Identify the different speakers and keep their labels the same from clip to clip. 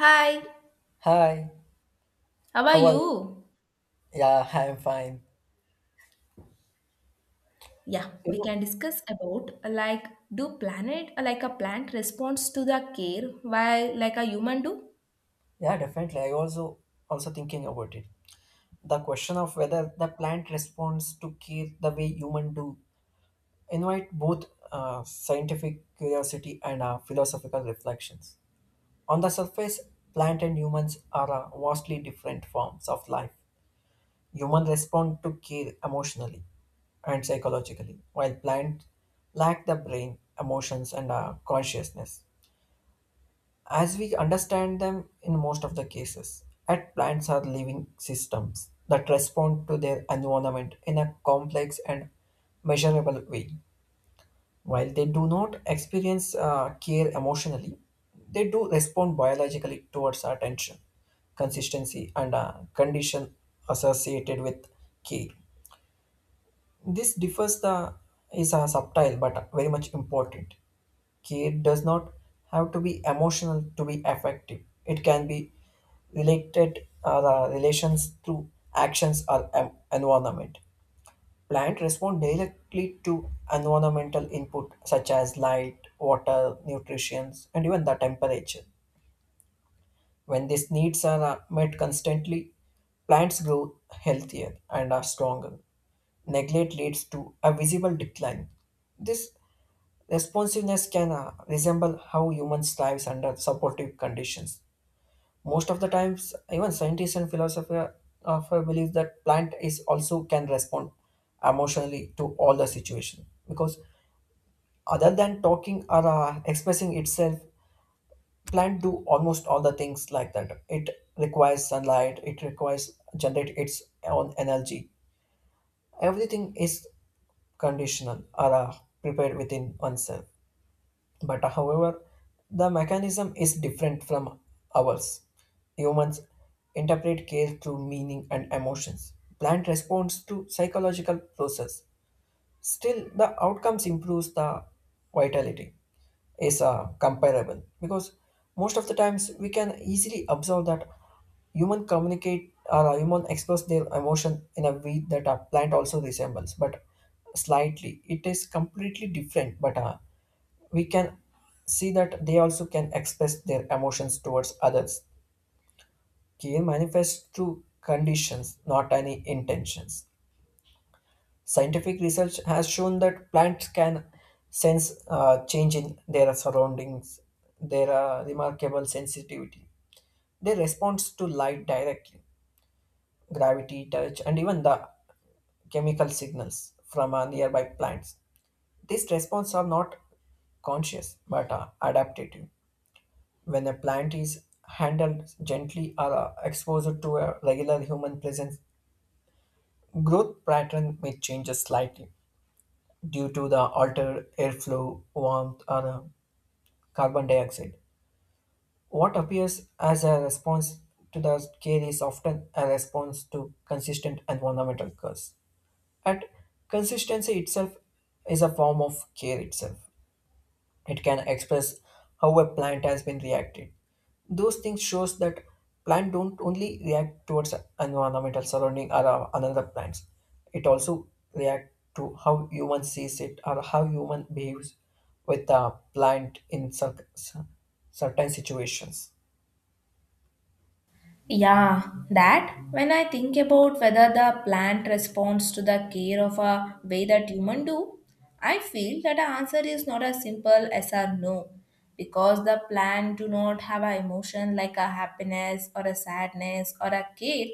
Speaker 1: Hi.
Speaker 2: Hi,
Speaker 1: How are
Speaker 2: how are you?
Speaker 1: you?
Speaker 2: Yeah, I'm fine.
Speaker 1: Yeah,
Speaker 2: You
Speaker 1: we
Speaker 2: know,
Speaker 1: can discuss about like do planet like a plant responds to the care while like a human do?
Speaker 2: yeah, definitely. I also thinking about it. The question of whether the plant responds to care the way human do invite both scientific curiosity and philosophical reflections. On the surface, plant and humans are vastly different forms of life. Human respond to care emotionally and psychologically, while plants lack the brain, emotions, and consciousness as we understand them in most of the cases. At plants are living systems that respond to their environment in a complex and measurable way. While they do not experience care emotionally, they do respond biologically towards attention, consistency, and condition associated with care. This differs the Is a subtle but very much important. Care does not have to be emotional to be effective. It can be related the relations through actions or environment. Plants respond directly to environmental input such as light, water, nutrition, and even the temperature. When these needs are met constantly, plants grow healthier and are stronger. Neglect leads to a visible decline. This responsiveness can resemble how humans thrive under supportive conditions. Most of the times, even scientists and philosophers believe that plant is also can respond emotionally to all the situation because other than talking or expressing itself, plant do almost all the things like that. It requires sunlight, it requires generate its own energy. Everything is conditional or prepared within oneself, but however the mechanism is different from ours. Humans interpret care through meaning and emotions, plant responds to psychological process. Still the outcomes improves the vitality is comparable because most of the times we can easily observe that human communicate or human express their emotion in a way that a plant also resembles, but slightly it is completely different. But we can see that they also can express their emotions towards others. Care manifests through conditions, not any intentions. Scientific research has shown that plants can sense change in their surroundings, their remarkable sensitivity. They respond to light directly, gravity, touch, and even the chemical signals from nearby plants. These responses are not conscious but are adaptative. When a plant is handled gently or exposed to a regular human presence, growth pattern may change slightly due to the altered airflow, warmth, or carbon dioxide. What appears as a response to the care is often a response to consistent environmental curse. And consistency itself is a form of care itself. It can express how a plant has been reacted. Those things shows that plant don't only react towards environmental surrounding or another plants. It also react to how human sees it or how human behaves with a plant in certain situations.
Speaker 1: Yeah, that when I think about whether the plant responds to the care of a way that human do, I feel that the answer is not as simple as a no, because the plant do not have a emotion like a happiness or a sadness or a care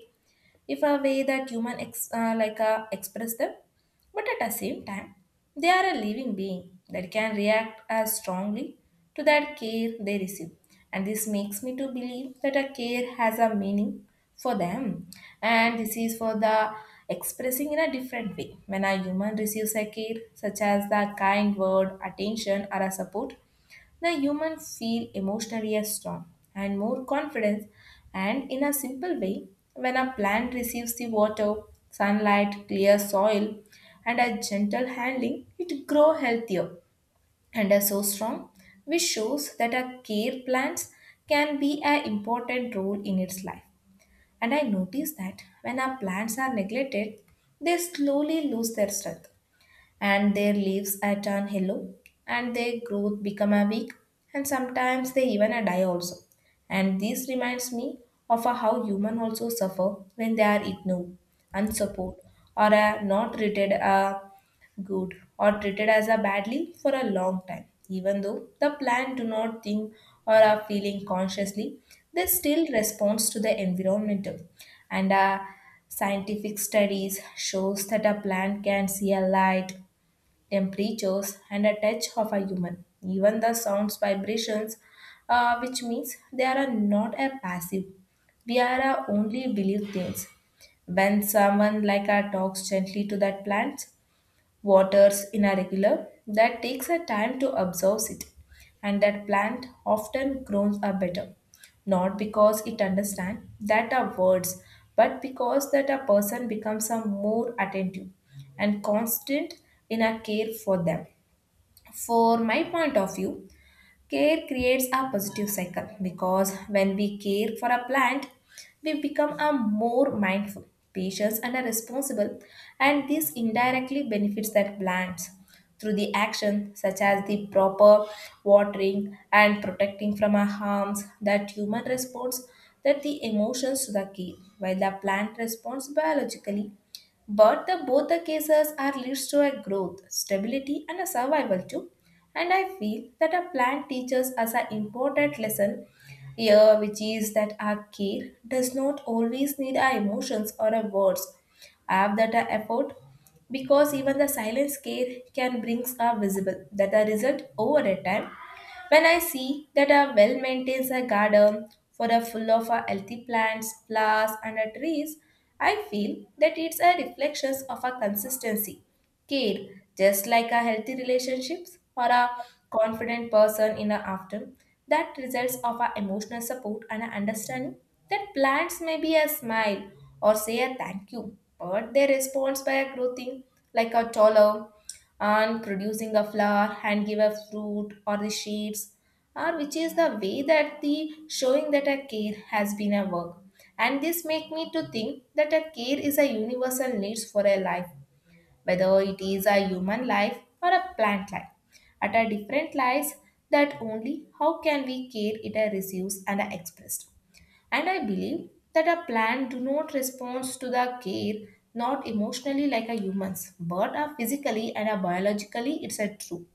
Speaker 1: if a way that human like express them, but at the same time they are a living being that can react as strongly to that care they receive, and this makes me to believe that a care has a meaning for them, and this is for the expressing in a different way. When a human receives a care such as the kind word attention or a support, the humans feel emotionally as strong and more confidence, and in a simple way, when a plant receives the water, sunlight, clear soil, and a gentle handling, it grows healthier and are so strong, which shows that a care plants can be an important role in its life. And I notice that when our plants are neglected, they slowly lose their strength and their leaves are turned yellow and their growth become a weak, and sometimes they even a die also. And this reminds me of a how human also suffer when they are ignored, unsupported, or are not treated good or treated as a badly for a long time, even though the plant do not think or are feeling consciously, they still responds to the environmental. And scientific studies shows that a plant can see a light, temperatures, and a touch of a human. Even the sounds vibrations, which means they are not a passive. We are a only believe things. When someone like a talks gently to that plant, waters irregular that takes a time to absorb it, and that plant often grows are better, not because it understands that are words, but because that a person becomes a more attentive and constant in a care for them. For my point of view, care creates a positive cycle, because when we care for a plant, we become a more mindful, patient, and a responsible, and this indirectly benefits that plants through the action such as the proper watering and protecting from our harms, that human responds that the emotions to the key, while the plant responds biologically, but the both the cases are leads to a growth, stability, and a survival too. And I feel that a plant teaches us an important lesson here, which is that our care does not always need our emotions or our words. Have that our effort, because even the silence care can brings are visible. That the result over a time, when I see that a well maintains a garden for a full of a healthy plants, flowers, and a trees, I feel that it's a reflection of a consistency, care, just like a healthy relationships or a confident person in a after that results of our emotional support and our understanding, that plants may be a smile or say a thank you, but they respond by a growing like a taller and producing a flower, hand give a fruit or the shapes, or which is the way that the showing that a care has been a work. And this make me to think that a care is a universal needs for a life, whether it is a human life or a plant life. At a different lies that only how can we care it a receives and a expressed. And I believe that a plant do not respond to the care not emotionally like a humans, but are physically and are biologically, it's a true.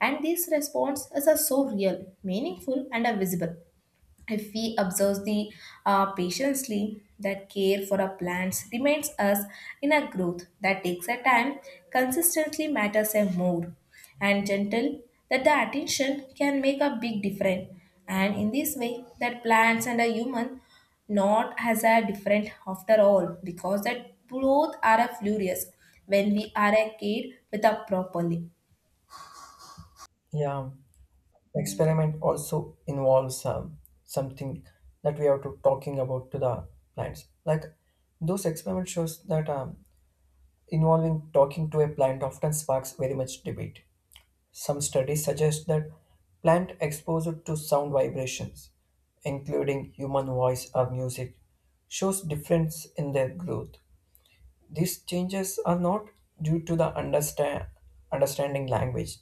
Speaker 1: And this response is a so real, meaningful and a visible. If we observe the patiently, that care for our plants remains us in a growth that takes a time, consistently matters a more, and gentle that the attention can make a big difference. And in this way, that plants and a human not as a different after all, because that both are a furious when we are a kid with a properly.
Speaker 2: Yeah, experiment also involves something that we are to talking about to the plants. Like those experiments shows that involving talking to a plant often sparks very much debate. Some studies suggest that plant exposure to sound vibrations, including human voice or music, shows difference in their growth. These changes are not due to understanding language,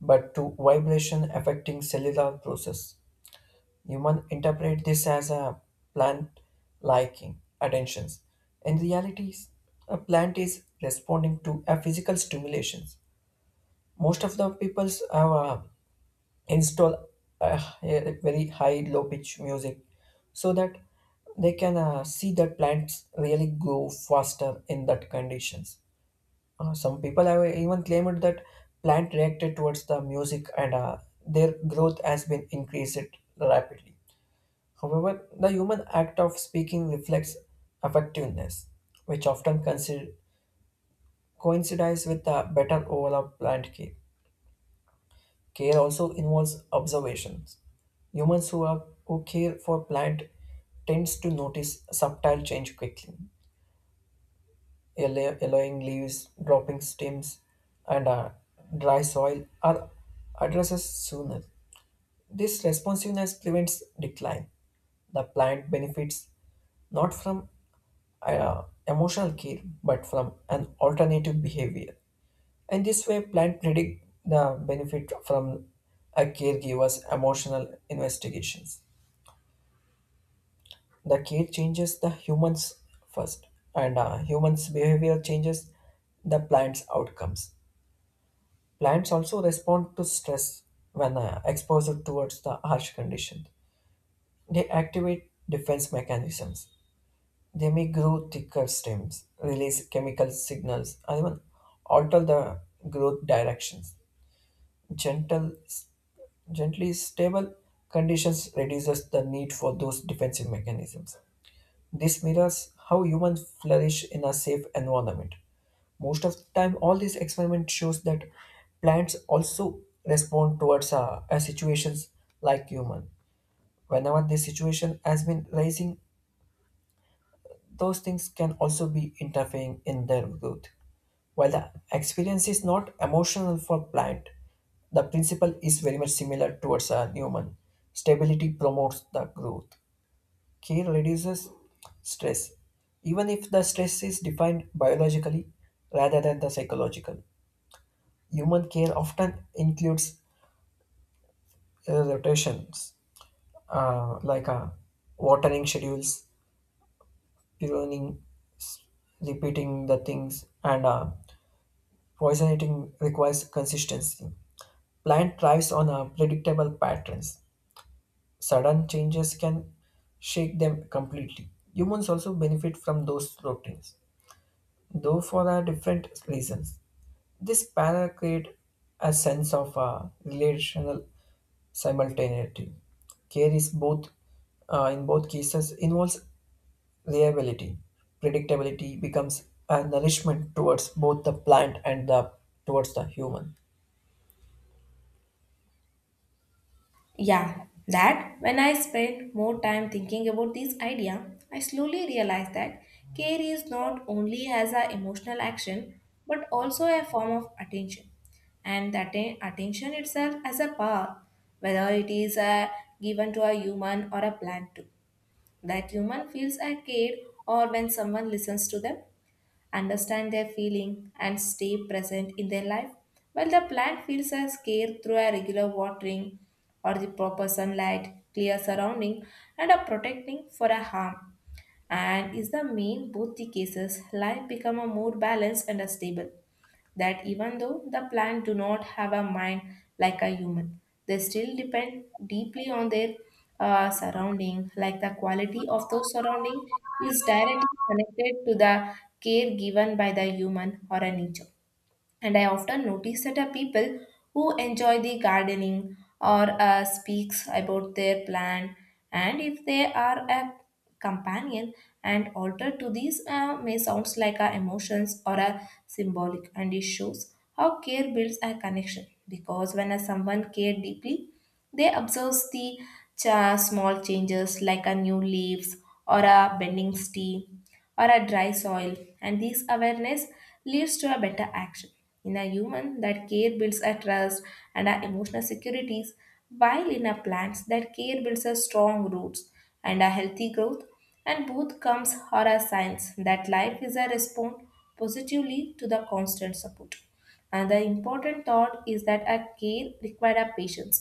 Speaker 2: but to vibration affecting cellular process. You might interpret this as a plant liking attentions. In reality, a plant is responding to a physical stimulations. Most of the people have install a very high low pitch music so that they can see that plants really grow faster in that conditions. Some people have even claimed that plant reacted towards the music, and their growth has been increased rapidly. However, the human act of speaking reflects effectiveness, which coincides with a better overall plant care. Care also involves observations. Humans who care for plant tends to notice subtle change quickly, yellowing leaves, dropping stems, and dry soil are addresses sooner. This responsiveness prevents decline. The plant benefits not from emotional care but from an alternative behavior. And this way, plant predict the benefit from a caregiver's emotional investigations. The care changes the humans first, and humans' behavior changes the plant's outcomes. Plants also respond to stress when exposed towards the harsh condition. They activate defense mechanisms. They may grow thicker stems, release chemical signals, and even alter the growth directions. Gentle, Gently stable conditions reduces the need for those defensive mechanisms. This mirrors how humans flourish in a safe environment. Most of the time, all these experiments shows that plants also respond towards a situations like human. Whenever this situation has been rising, those things can also be interfering in their growth. While the experience is not emotional for plant, the principle is very much similar towards a human. Stability promotes the growth. Care reduces stress, even if the stress is defined biologically rather than the psychological. Human care often includes rotations like watering schedules, pruning, s- repeating the things, and poisoning requires consistency. Plant thrives on predictable patterns. Sudden changes can shake them completely. Humans also benefit from those routines, though for different reasons. This para creates a sense of relational simultaneity. Care is in both cases, involves reliability. Predictability becomes a nourishment towards both the plant and the towards the human.
Speaker 1: Yeah, that when I spend more time thinking about this idea, I slowly realized that care is not only as an emotional action but also a form of attention. And that attention itself as a power, whether it is given to a human or a plant too. That human feels a care or when someone listens to them understand their feeling and stay present in their life, while the plant feels a care through a regular watering or the proper sunlight clear surrounding and a protecting for a harm, and is the main both the cases life become a more balanced and a stable, that even though the plants do not have a mind like a human, they still depend deeply on their surrounding, like the quality of those surrounding is directly connected to the care given by the human or a nature. And I often notice that are people who enjoy the gardening or speaks about their plant, and if they are a companion and alter to these may sounds like our emotions or a symbolic, and it shows how care builds a connection, because when a someone care deeply, they observe the cha small changes like a new leaves or a bending stem or a dry soil, and this awareness leads to a better action. In a human, that care builds a trust and our emotional securities, while in a plants, that care builds a strong roots and a healthy growth, and both comes are a signs that life is a response positively to the constant support. And the important thought is that a care require a patience,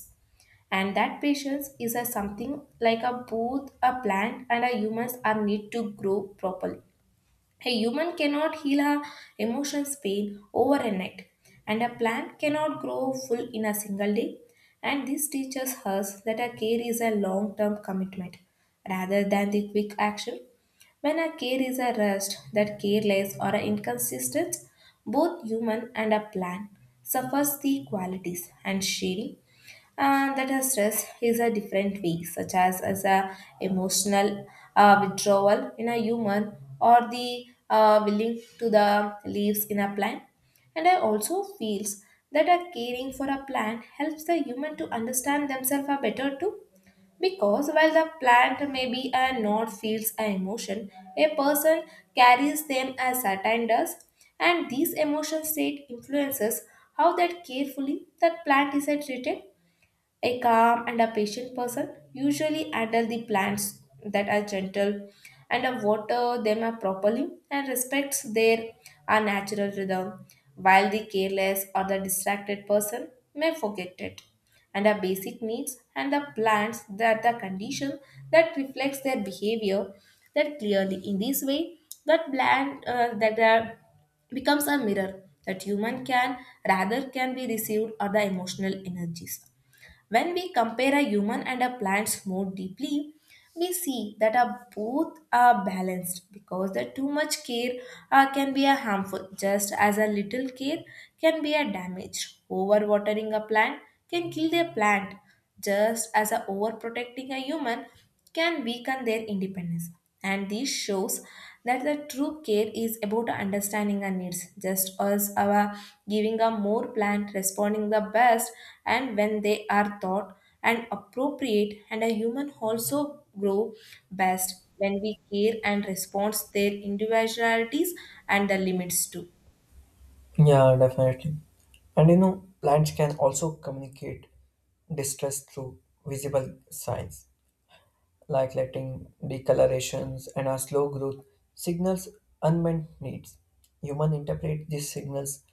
Speaker 1: and that patience is a something like a both a plant and a humans are need to grow properly. A human cannot heal her emotions pain over a night, and a plant cannot grow full in a single day. And this teaches us that our care is a long term commitment rather than the quick action. When a care is a rushed, that careless or a inconsistent, both human and a plant suffers the qualities and shading, that a stress is a different way, such as a emotional withdrawal in a human or the willing to the leaves in a plant. And I also feels that a caring for a plant helps the human to understand themselves a better too, because while the plant may be a not feels an emotion, a person carries them as certain does, and these emotion state influences how that carefully that plant is treated. A calm and a patient person usually handle the plants that are gentle and water them properly and respects their natural rhythm, while the careless or the distracted person may forget it. And the basic needs and the plants that the condition that reflects their behavior that clearly in this way, that plant that are becomes a mirror that human can rather can be received or the emotional energies. When we compare a human and a plant's more deeply, we see that are both are balanced, because the too much care can be a harmful just as a little care can be a damage, overwatering a plant can kill their plant just as a overprotecting a human can weaken their independence. And this shows that the true care is about understanding our needs just as our giving a more plant responding the best, and when they are thought and appropriate, and a human also grow best when we care and respond their individualities and the limits too.
Speaker 2: Yeah, definitely. And you know, plants can also communicate distress through visible signs like letting decolorations and a slow growth signals unmet needs. Human interpret these signals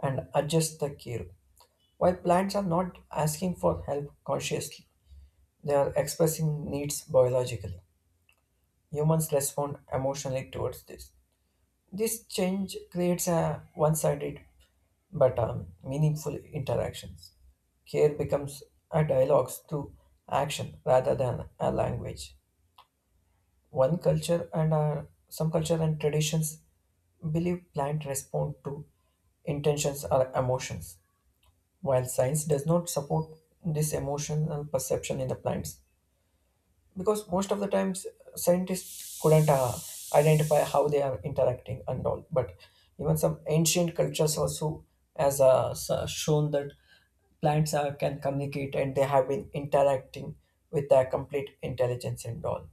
Speaker 2: and adjust the care. While plants are not asking for help consciously, they are expressing needs biologically. Humans respond emotionally towards this. This change creates a one-sided but meaningful interactions. Care becomes a dialogue through action rather than a language. One culture and some culture and traditions believe plant respond to intentions or emotions, while science does not support this emotional perception in the plants because most of the times scientists couldn't identify how they are interacting and all. But even some ancient cultures also has shown that plants can communicate and they have been interacting with a complete intelligence and all.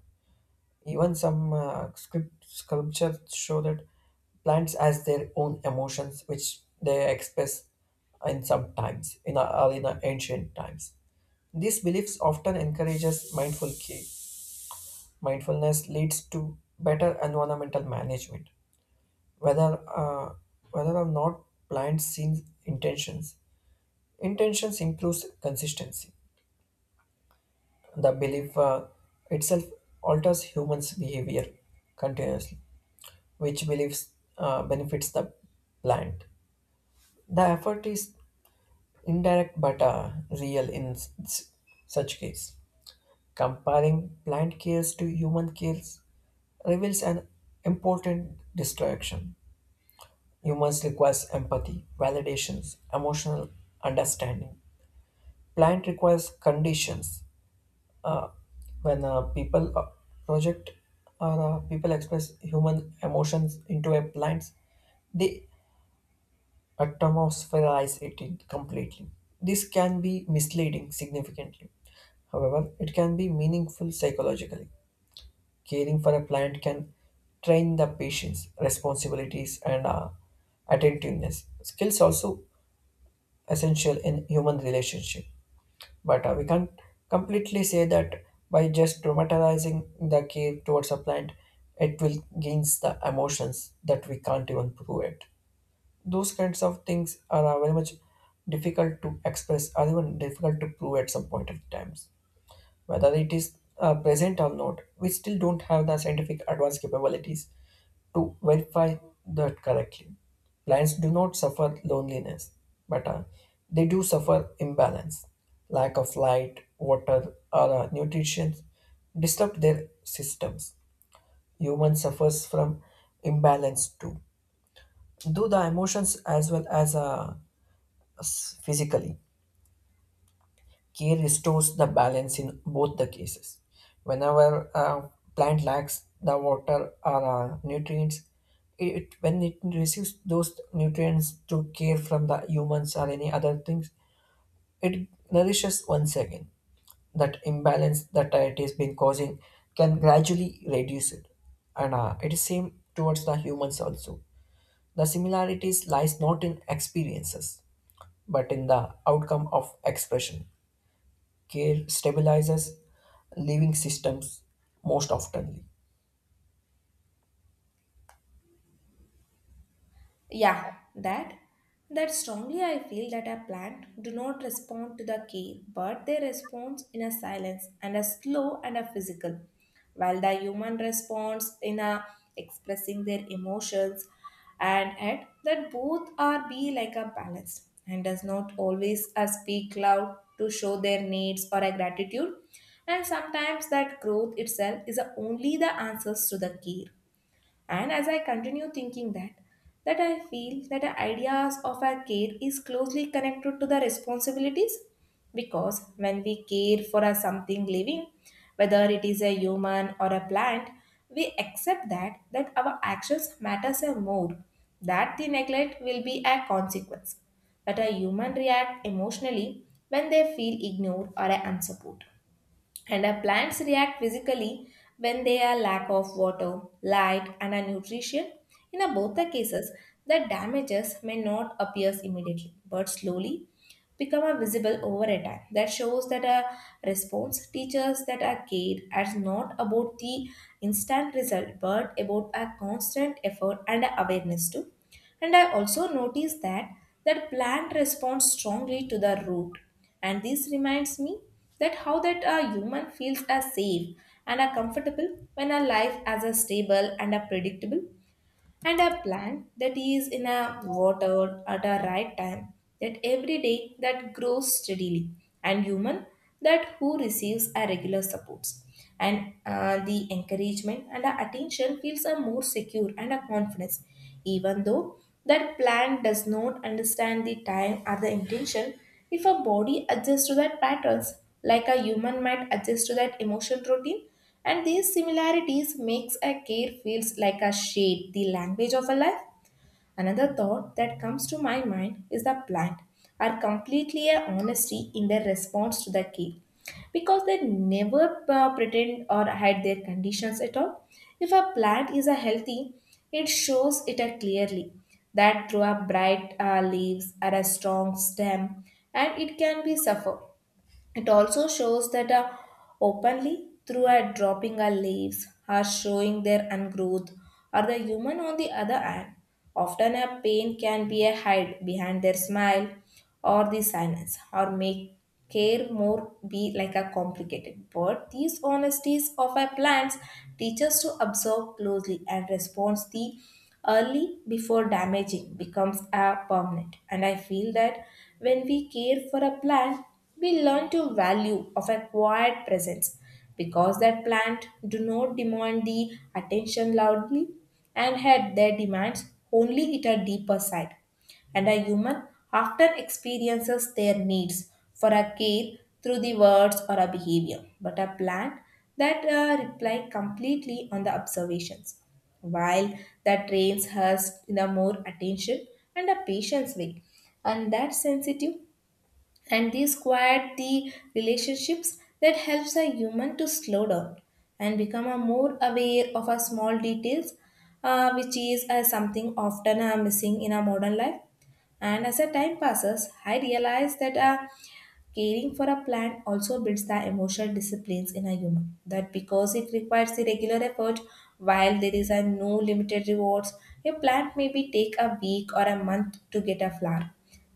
Speaker 2: Even some script sculptures show that plants has their own emotions which they express in some times in a ancient times. These beliefs often encourages mindful care. Mindfulness leads to better environmental management, whether uh, whether or not blind seen intentions. Intentions improves consistency. The belief itself alters humans' behavior continuously, which beliefs benefits the plant. The effort is indirect but real in such case. Comparing plant cares to human cares reveals an important distinction. Humans requires empathy, validations, emotional understanding. Plant requires conditions. Uh, when people project or people express human emotions into a plant, they atmospherize it in completely. This can be misleading significantly. However, it can be meaningful psychologically. Caring for a plant can train the patience, responsibilities, and attentiveness. Skills also essential in human relationship. But we can't completely say that by just dramatizing the care towards a plant, it will gains the emotions that we can't even prove it. Those kinds of things are very much difficult to express or even difficult to prove at some point of times whether it is present or not. We still don't have the scientific advanced capabilities to verify that correctly. Plants do not suffer loneliness, but they do suffer imbalance. Lack of light, water, or nutrition disrupt their systems. Human suffers from imbalance too, though the emotions as well as physically. Care restores the balance in both the cases. Whenever a plant lacks the water or nutrients, it when it receives those nutrients through care from the humans or any other things, it nourishes once again. That imbalance that it has been causing can gradually reduce it, and it is same towards the humans also. The similarities lies not in experiences but in the outcome of expression. Care stabilizes living systems most oftenly.
Speaker 1: Yeah, that strongly I feel that a plant do not respond to the care, but they respond in a silence and a slow and a physical, while the human responds in a expressing their emotions, and yet that both are be like a balanced and does not always a speak loud to show their needs or a gratitude, and sometimes that growth itself is a only the answers to the care. And as I continue thinking that, I feel that the ideas of our care is closely connected to the responsibilities, because when we care for a something living, whether it is a human or a plant, we accept that our actions matters a more, that the neglect will be a consequence, that a human react emotionally when they feel ignored or unsupported, and our plants react physically when they are lack of water, light, and a nutrition. In a both the cases, the damages may not appear immediately, but slowly become a visible over a time. That shows that a response teaches that a care is not about the instant result but about a constant effort and awareness too. And I also noticed that plant responds strongly to the root. And this reminds me that how that a human feels as safe and are comfortable when a life as a stable and a predictable, and a plant that is in a water at a right time that every day that grows steadily, and human that who receives a regular supports and the encouragement and the attention feels a more secure and a confidence, even though that plant does not understand the time or the intention if a body adjusts to that patterns like a human might adjust to that emotion routine. And these similarities makes a care feels like a shade, the language of a life. Another thought that comes to my mind is the plant are completely a honesty in their response to the care because they never pretend or hide their conditions at all. If a plant is a healthy, it shows it a clearly that through a bright leaves or a strong stem, and it can be suffer. It also shows that openly through a dropping our leaves, are showing their ungrowth, or the human on the other hand. Often a pain can be a hide behind their smile or the silence, or make care more be like a complicated. But these honesties of our plants teach us to observe closely and respond the early before damaging becomes a permanent. And I feel that when we care for a plant we learn to value of a quiet presence because their plant do not demand the attention loudly and had their demands only at a deeper side. And a human often experiences their needs for a care through the words or a behavior, but a plant that rely completely on the observations, while that trains us in a more attention and a patience way, and that sensitive, and these quiet the relationships that helps a human to slow down and become a more aware of our small details, which is something often missing in our modern life. And as the time passes, I realize that caring for a plant also builds the emotional disciplines in a human. That because it requires the regular effort, while there is a no limited rewards, a plant may be take a week or a month to get a flower.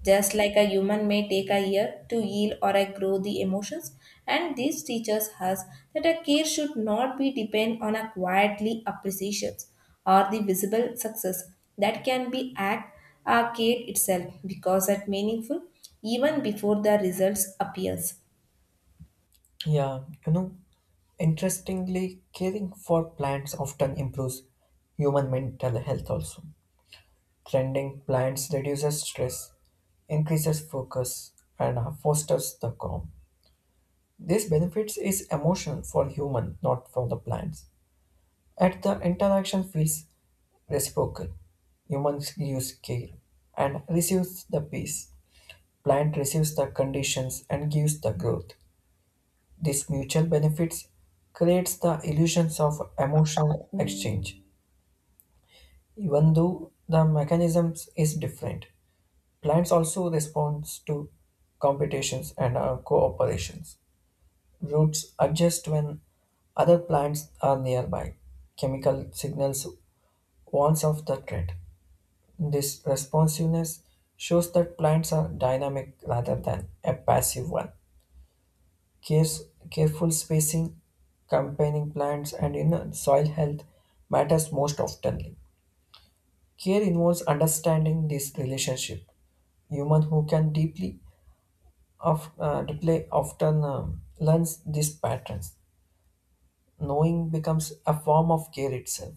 Speaker 1: Just like a human may take a year to heal or a grow the emotions, and this teaches us that a care should not be depend on a quietly appreciations or the visible success that can be act a care itself because that meaningful even before the results appears.
Speaker 2: Yeah, you know, interestingly, caring for plants often improves human mental health also. Tending plants reduces stress, increases focus, and fosters the calm. This benefits is emotional for human, not for the plants. At the interaction feels reciprocal. Humans gives care and receives the peace. Plant receives the conditions and gives the growth. This mutual benefits creates the illusions of emotional exchange, even though the mechanisms is different. Plants also responds to competitions and cooperations. Roots adjust when other plants are nearby. Chemical signals warns of the threat. This responsiveness shows that plants are dynamic rather than a passive one. Cares, careful spacing, campaigning plants, and you know, soil health matters most often. Care involves understanding this relationship. Human who can deeply of replay often learns these patterns. Knowing becomes a form of care itself.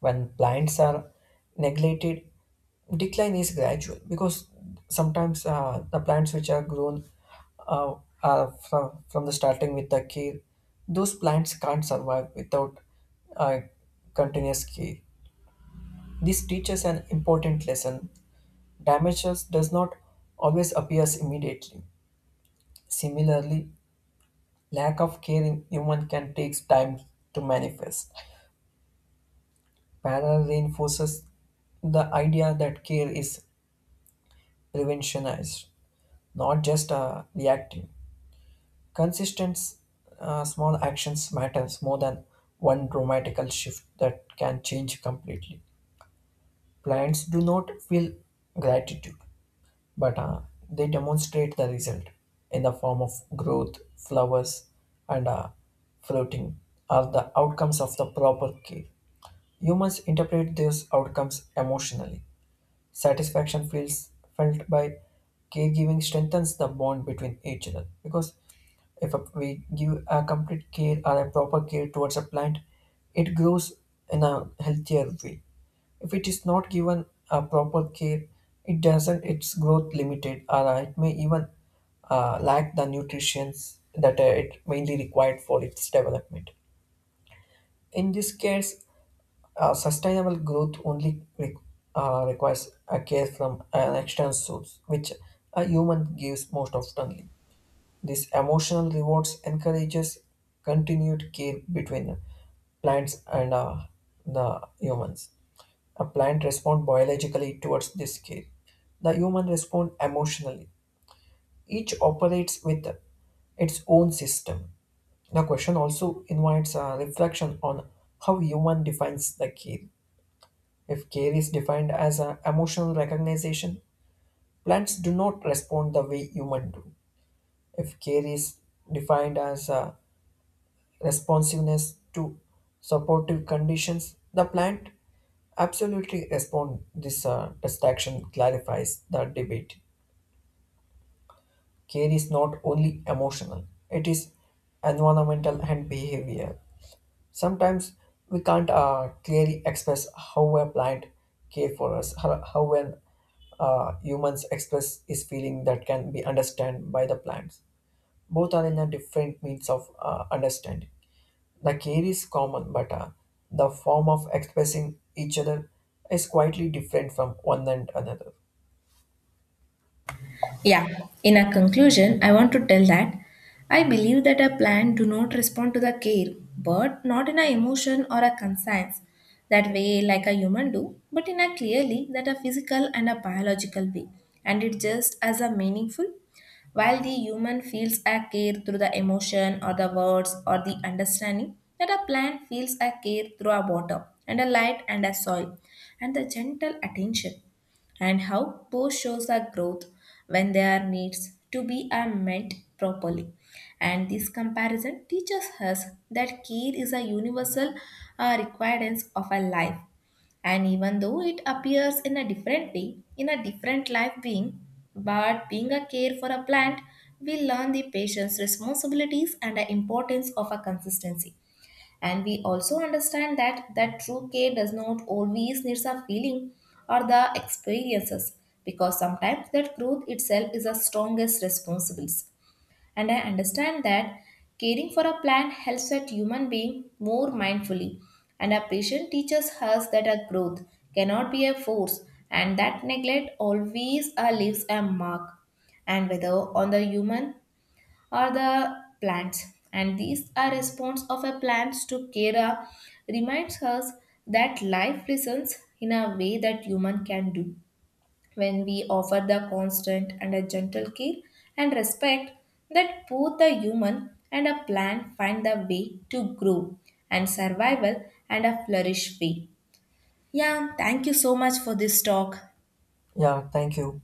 Speaker 2: When plants are neglected, decline is gradual because sometimes the plants which are grown uh, are from the starting with the care, those plants can't survive without uh, continuous care. This teaches an important lesson: damages does not always appears immediately. Similarly, lack of care in human can take time to manifest. Parallel reinforces the idea that care is revolutionized, not just reactive. Consistent small actions matters more than one dramatical shift that can change completely. Clients do not feel gratitude, but they demonstrate the result in the form of growth, flowers, and floating are the outcomes of the proper care. You must interpret these outcomes emotionally. Satisfaction feels felt by caregiving strengthens the bond between each other, because if a- we give a complete care or a proper care towards a plant, it grows in a healthier way. If it is not given a proper care, it doesn't, its growth limited, or it may even lack the nutrients that it mainly required for its development. In this case, sustainable growth only requires a care from an external source, which a human gives most oftenly. This emotional rewards encourages continued care between plants and the humans. A plant responds biologically towards this care. The human respond emotionally. Each operates with its own system. The question also invites a reflection on how human defines the care. If care is defined as an emotional recognition, plants do not respond the way humans do. If care is defined as a responsiveness to supportive conditions, the plant absolutely respond. This distinction clarifies the debate. Care is not only emotional; it is environmental and behavior. Sometimes we can't clearly express how a plant care for us, how an humans express is feeling that can be understood by the plants. Both are in a different means of understanding. The care is common, but the form of expressing each other is quietly different from one and another.
Speaker 1: Yeah, in a conclusion I want to tell that I believe that a plan do not respond to the care, but not in a emotion or a conscience that way like a human do, but in a clearly that a physical and a biological way, and it just as a meaningful. While the human feels a care through the emotion or the words or the understanding, that a plant feels a care through a water and a light and a soil and the gentle attention, and how post shows our growth when their needs to be are met properly. And this comparison teaches us that care is a universal requirement of a life. And even though it appears in a different way, in a different life being, but being a care for a plant, we learn the patient's responsibilities and the importance of a consistency. And we also understand that true care does not always need a feeling or the experiences because sometimes that growth itself is the strongest responsibility. And I understand that caring for a plant helps that human being more mindfully. And a patient teaches us that a growth cannot be a force, and that neglect always leaves a mark, and whether on the human or the plants. And these are response of a plants to kera reminds us that life listens in a way that human can do. When we offer the constant and a gentle care and respect, that both the human and a plant find the way to grow and survival and a flourish way. Yeah, thank you so much for this talk.
Speaker 2: Yeah, thank you.